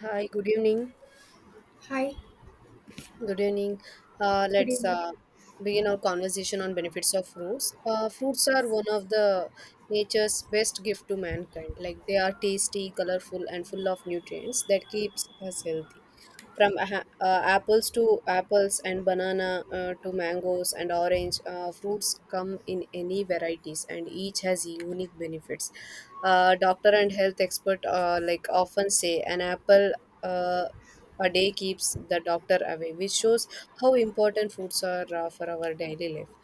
Hi, good evening. Hi, Good evening. Uh, good let's evening. uh, begin our conversation on benefits of fruits. Fruits are one of the nature's best gift to mankind. Like they are tasty, colorful, and full of nutrients that keeps us healthy. From apples to apples and banana, to mangoes and orange, fruits come in any varieties, and each has unique benefits. Doctor and health expert like often say an apple Uh, a day keeps the doctor away, which shows how important foods are for our daily life.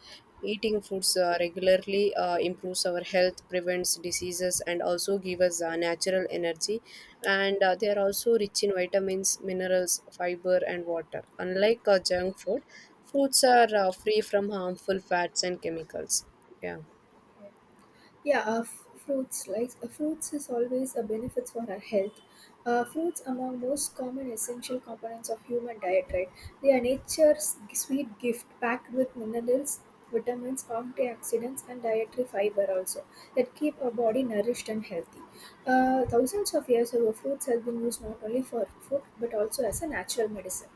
Eating foods regularly improves our health, prevents diseases, and also give us natural energy. And they are also rich in vitamins, minerals, fiber, and water. Unlike junk food, foods are free from harmful fats and chemicals. Yeah. Fruits is always a benefit for our health. Fruits among most common essential components of human diet, right? They are nature's sweet gift packed with minerals, vitamins, antioxidants, and dietary fiber also that keep our body nourished and healthy. Thousands of years ago, fruits have been used not only for food but also as a natural medicine.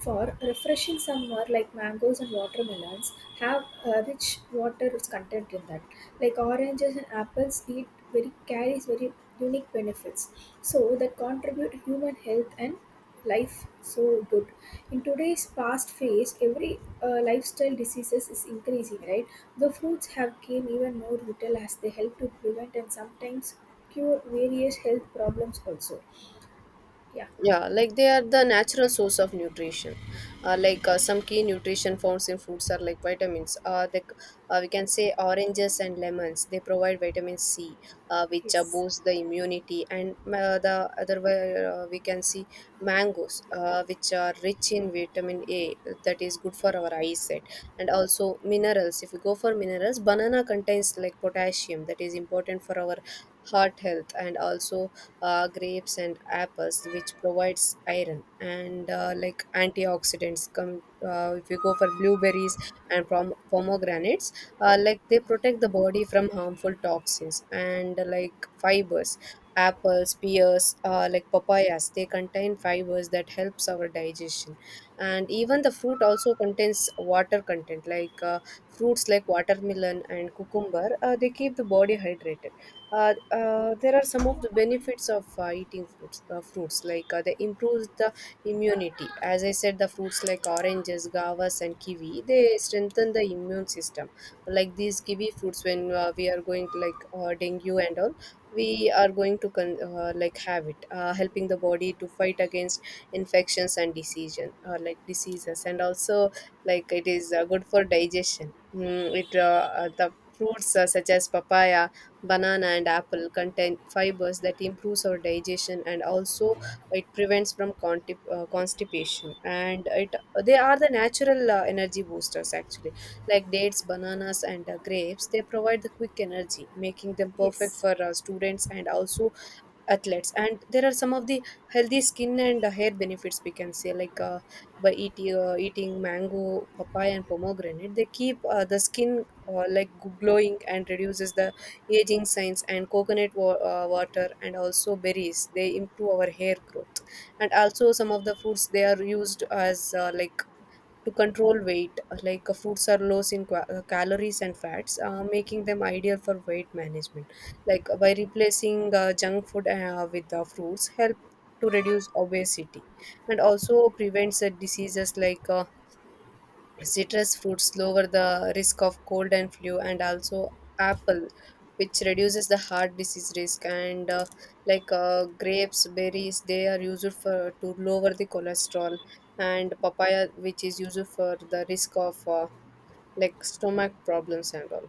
For refreshing some like mangoes and watermelons have a rich water content in that, like oranges and apples eat very, carries very unique benefits so that contribute human health and life, so good. In today's fast phase, every lifestyle diseases is increasing, right? The fruits have gained even more vital as they help to prevent and sometimes cure various health problems also. Yeah. Yeah, like they are the natural source of nutrition. Some key nutrition found in fruits are like vitamins. We can say oranges and lemons. They provide vitamin C, which Yes. boosts the immunity. And the other way we can see mangoes, which are rich in vitamin A, that is good for our eyesight. And also minerals. If we go for minerals, banana contains like potassium, that is important for our heart health and also grapes and apples, which provides iron and like antioxidants. Come if you go for blueberries and pomegranates, like they protect the body from harmful toxins and like fibers. Apples, pears, like papayas, they contain fibers that helps our digestion, and even the fruit also contains water content like fruits like watermelon and cucumber. They keep the body hydrated. There are some of the benefits of eating fruits. They improves the immunity. As I said, the fruits like oranges, guavas, and kiwi they strengthen the immune system. Like these kiwi fruits, when we are going to, like dengue and all, we are going to like have it, helping the body to fight against infections and diseases, like diseases, and also like it is good for digestion. Mm, it The fruits such as papaya, banana and apple contain fibers that improves our digestion, and also it prevents from constipation, and it they are the natural energy boosters actually. Like dates, bananas and grapes they provide the quick energy, making them perfect Yes. for students and also athletes. And there are some of the healthy skin and hair benefits, we can say, like by eating mango, papaya and pomegranate they keep the skin glowing and reduces the aging signs. And coconut water and also berries, they improve our hair growth. And also some of the fruits they are used as like to control weight. Like fruits are low in calories and fats, making them ideal for weight management. Like by replacing junk food with fruits, help to reduce obesity, and also prevents diseases like citrus fruits lower the risk of cold and flu, and also apple, which reduces the heart disease risk. And like grapes, berries, they are used for to lower the cholesterol, and papaya, which is used for the risk of like stomach problems and all.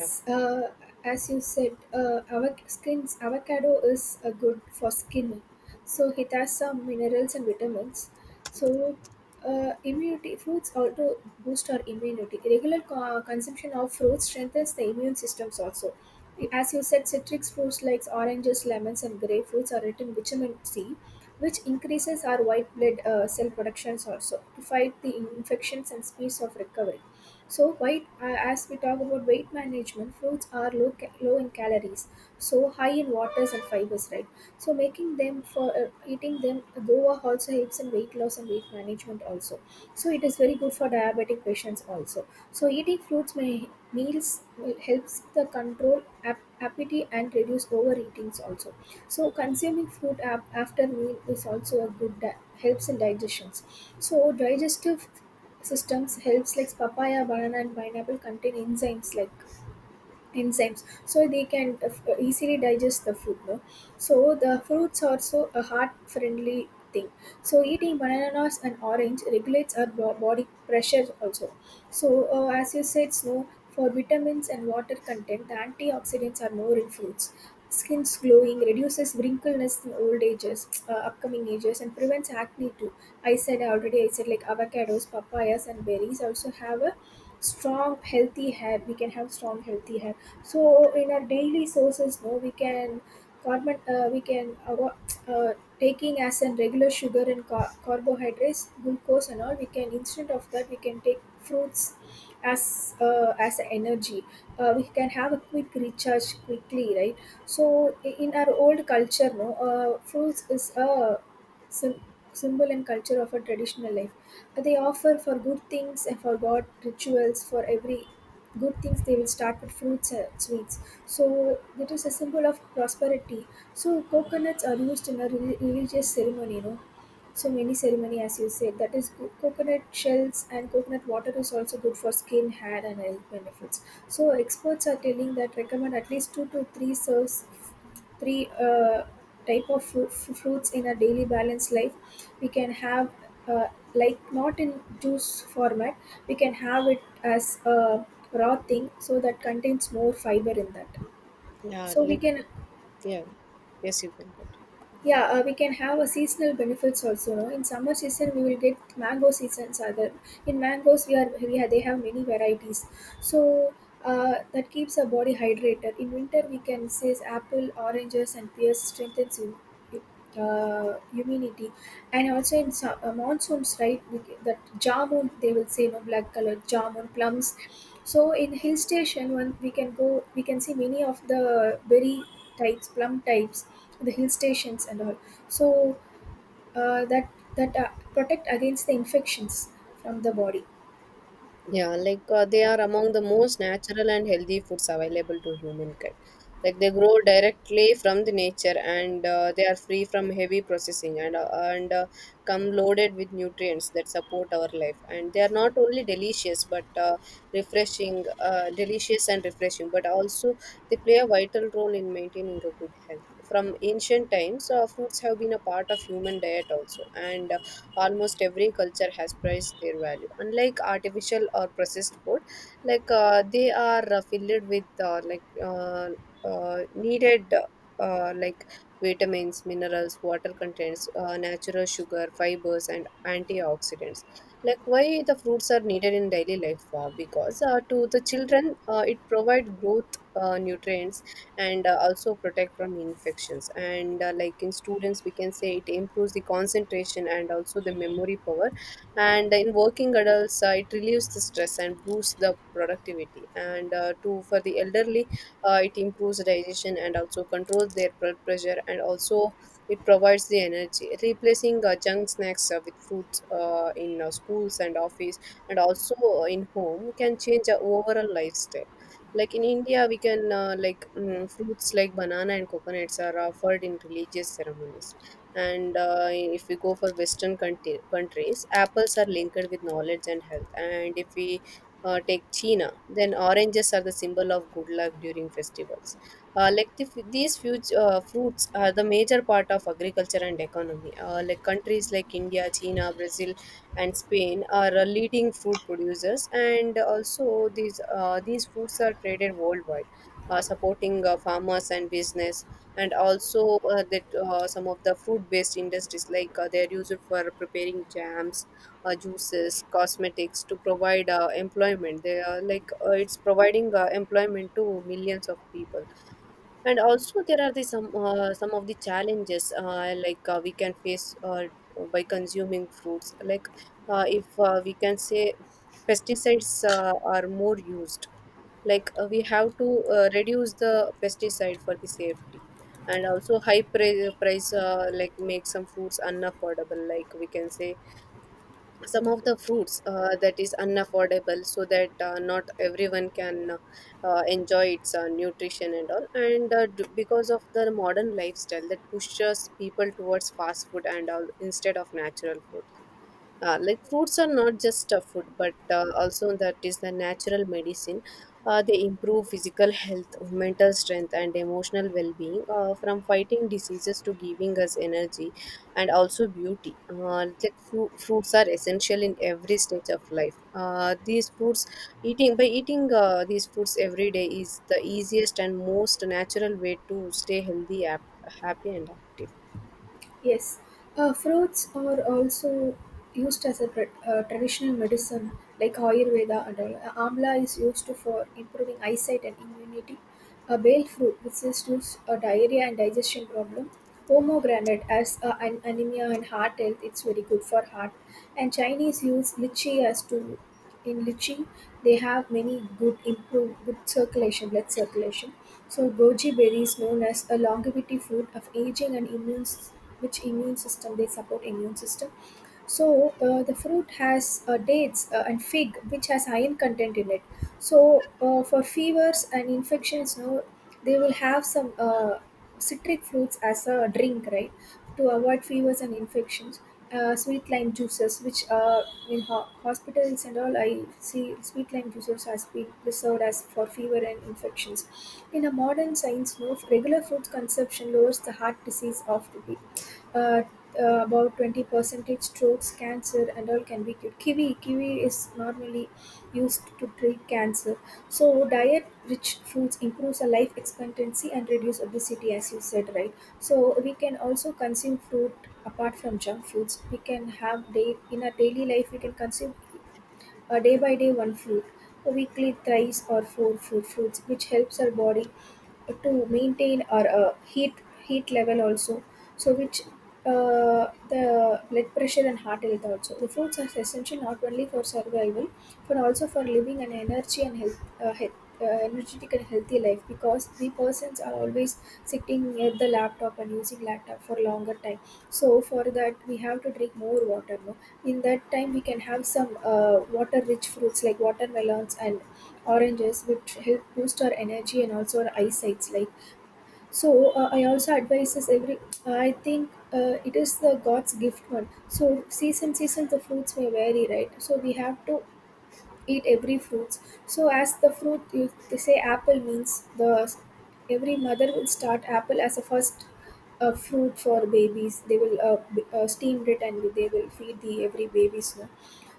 Yeah. As you said, skins, avocado is good for skin. So it has some minerals and vitamins. So immunity fruits also boost our immunity. Regular consumption of fruits strengthens the immune systems also. As you said, citrus fruits like oranges, lemons, and grapefruits are rich in vitamin C, which increases our white blood cell productions also to fight the infections and speeds of recovery. So white, as we talk about weight management, fruits are low in calories, so high in waters and fibers, right? So making them for eating them, guava also helps in weight loss and weight management also. So it is very good for diabetic patients also. So eating fruits may meals will helps the control appetite and reduce overeatings also. So consuming fruit after meal is also a good, helps in digestions. So digestive systems helps like papaya, banana, and pineapple contain enzymes, like enzymes, so they can easily digest the food, no? So the fruits are also a heart friendly thing, so eating bananas and orange regulates our body pressure also. So as you said, snow for vitamins and water content, the antioxidants are more in fruits. Skin's glowing reduces wrinkleness in old ages, upcoming ages, and prevents acne too. I said already, I said like avocados, papayas, and berries also have a strong healthy hair, we can have strong healthy hair. So in our daily sources, no, we can carbon, uh, taking as a regular sugar and carbohydrates, glucose, and all, we can instead of that we can take fruits as a energy. We can have a quick recharge quickly, right? So in our old culture, no, fruits is a sym symbol and culture of a traditional life. They offer for good things and for god rituals. For every good things they will start with fruits and sweets, so that is a symbol of prosperity. So coconuts are used in a religious ceremony, you know, so many ceremony. As you said, that is coconut shells, and coconut water is also good for skin, hair, and health benefits. So experts are telling that recommend at least two to three serves, three type of fruits in a daily balanced life we can have, uh, like not in juice format. We can have it as a raw thing, so that contains more fiber in that. Yeah, So we like can. yeah. Yes, you can continue. Yeah, we can have a seasonal benefits also. No, in summer season we will get mango seasons. Other in mangoes we have, they have many varieties. So that keeps our body hydrated. In winter we can say apple, oranges, and pears strengthens you. Immunity, and also in some, monsoons, right, that jamun, they will say, no, black color jamun plums. So in hill station when we can go we can see many of the berry types, plum types, the hill stations and all. So that, that protect against the infections from the body. Yeah, like they are among the most natural and healthy foods available to humankind. Like they grow directly from the nature, and they are free from heavy processing, and come loaded with nutrients that support our life. And they are not only delicious but delicious and refreshing, but also they play a vital role in maintaining a good health. From ancient times, fruits have been a part of human diet also, and almost every culture has priced their value, unlike artificial or processed food. Like they are filled with like uh, needed like vitamins, minerals, water contents, natural sugar, fibers and antioxidants. Like why the fruits are needed in daily life, because to the children it provide growth nutrients, and also protect from infections. And like in students we can say it improves the concentration and also the memory power, and in working adults it relieves the stress and boosts the productivity. And to for the elderly, it improves digestion and also controls their blood pressure. And also it provides the energy, replacing junk snacks with fruits in schools and office and also in home can change our overall lifestyle. Like in India, we can fruits like banana and coconuts are offered in religious ceremonies. And if we go for western countries, apples are linked with knowledge and health. And if we take China, then oranges are the symbol of good luck during festivals. These fruits are the major part of agriculture and economy. Like countries like India, China, Brazil and Spain are leading fruit producers, and also these fruits are traded worldwide, supporting farmers and business. And also that some of the fruit based industries like they're used for preparing jams, juices, cosmetics. To provide employment they are like it's providing employment to millions of people. And also there are the some of the challenges, like we can face by consuming fruits. Like if we can say pesticides are more used. Like we have to reduce the pesticide for the safety. And also high price, like make some fruits unaffordable. Like we can say some of the fruits that is unaffordable, so that not everyone can enjoy its nutrition and all. And because of the modern lifestyle that pushes people towards fast food and all instead of natural food. Like fruits are not just a food, but also that is the natural medicine. They improve physical health, mental strength, and emotional well-being. From fighting diseases to giving us energy, and also beauty. Like fruits are essential in every stage of life. These fruits, eating by eating these fruits every day is the easiest and most natural way to stay healthy, happy, and active. Yes, fruits are also used as a traditional medicine, like Ayurveda and all. Amla is used for improving eyesight and immunity. A bale fruit which is used a diarrhea and digestion problem. Pomegranate as an anemia and heart health, it's very good for heart. And Chinese use lychee as to, in lychee they have many good, improve good circulation, blood circulation. So goji berry is known as a longevity fruit of aging and which immune system, they support immune system. So the fruit has dates and fig, which has iron content in it. So for fevers and infections, no, they will have some citric fruits as a drink, right? To avoid fevers and infections. Sweet lime juices, which in hospitals and all, I see sweet lime juices has been preserved as for fever and infections. In a modern science, no, regular fruit consumption lowers the heart disease of the uh, about 20 percentage, strokes, cancer, and all can be cured. Kiwi, kiwi is normally used to treat cancer. So diet rich foods improves our life expectancy and reduce obesity, as you said, right? So we can also consume fruit apart from junk foods. We can have day in our daily life we can consume, day by day, one fruit, weekly thrice or four fruits, which helps our body to maintain our heat level also. So which the blood pressure and heart health also. The fruits are essential not only for survival but also for living an energy and health, energetic and healthy life, because we persons are always sitting near the laptop and using laptop for longer time. So for that we have to drink more water. No, in that time we can have some water-rich fruits like watermelons and oranges, which help boost our energy and also our eyesights. Like so, I also advise is every. I think it is the God's gift one. So season season the fruits may vary, right? So we have to eat every fruits. So as the fruit, if they say apple means the every mother will start apple as a first fruit for babies. They will steam it and they will feed the every babies. No?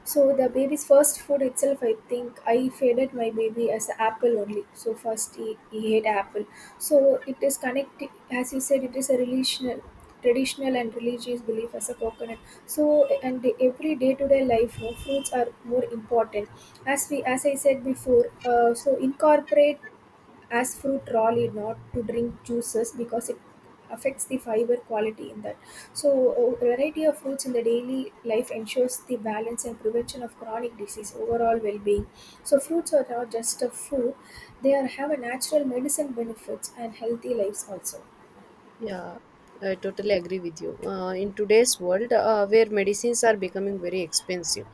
So the baby's first food itself, I think I fed my baby as a apple only. So first he ate apple. So it is connected, as you said, it is a relational, traditional and religious belief as a coconut. So and every day to day life, no, fruits are more important. As we, as I said before, so incorporate as fruit raw, not to drink juices because it affects the fiber quality in that. So a variety of fruits in the daily life ensures the balance and prevention of chronic disease, overall well-being. So fruits are not just a food, they are have a natural medicine benefits and healthy lives also. Yeah, I totally agree with you. In today's world, where medicines are becoming very expensive,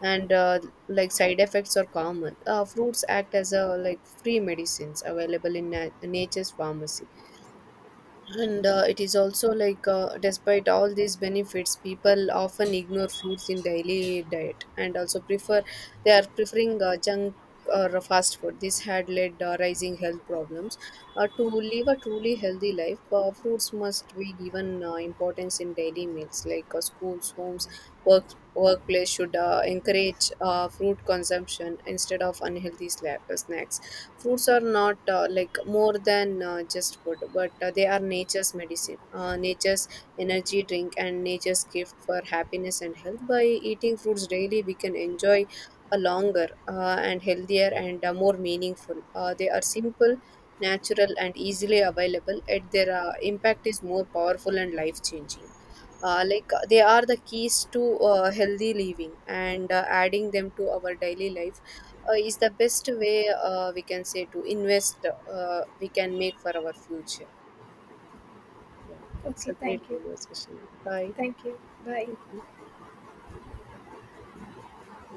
and like side effects are common, fruits act as a like free medicines available in nat nature's pharmacy. And it is also like, despite all these benefits, people often ignore fruits in daily diet, and also prefer they are preferring junk or fast food. This had led rising health problems. To live a truly healthy life, fruits must be given importance in daily meals. Like schools, homes, work workplace should encourage fruit consumption instead of unhealthy snacks. Foods are not like more than just food, but they are nature's medicine, nature's energy drink, and nature's gift for happiness and health. By eating fruits daily, we can enjoy a longer and healthier and more meaningful. They are simple, natural, and easily available, yet their impact is more powerful and life changing. They are the keys to healthy living, and adding them to our daily life is the best way we can say to invest we can make for our future. Yeah, it's Okay, a great thank you. conversation. Bye. Thank you. Bye. Thank you.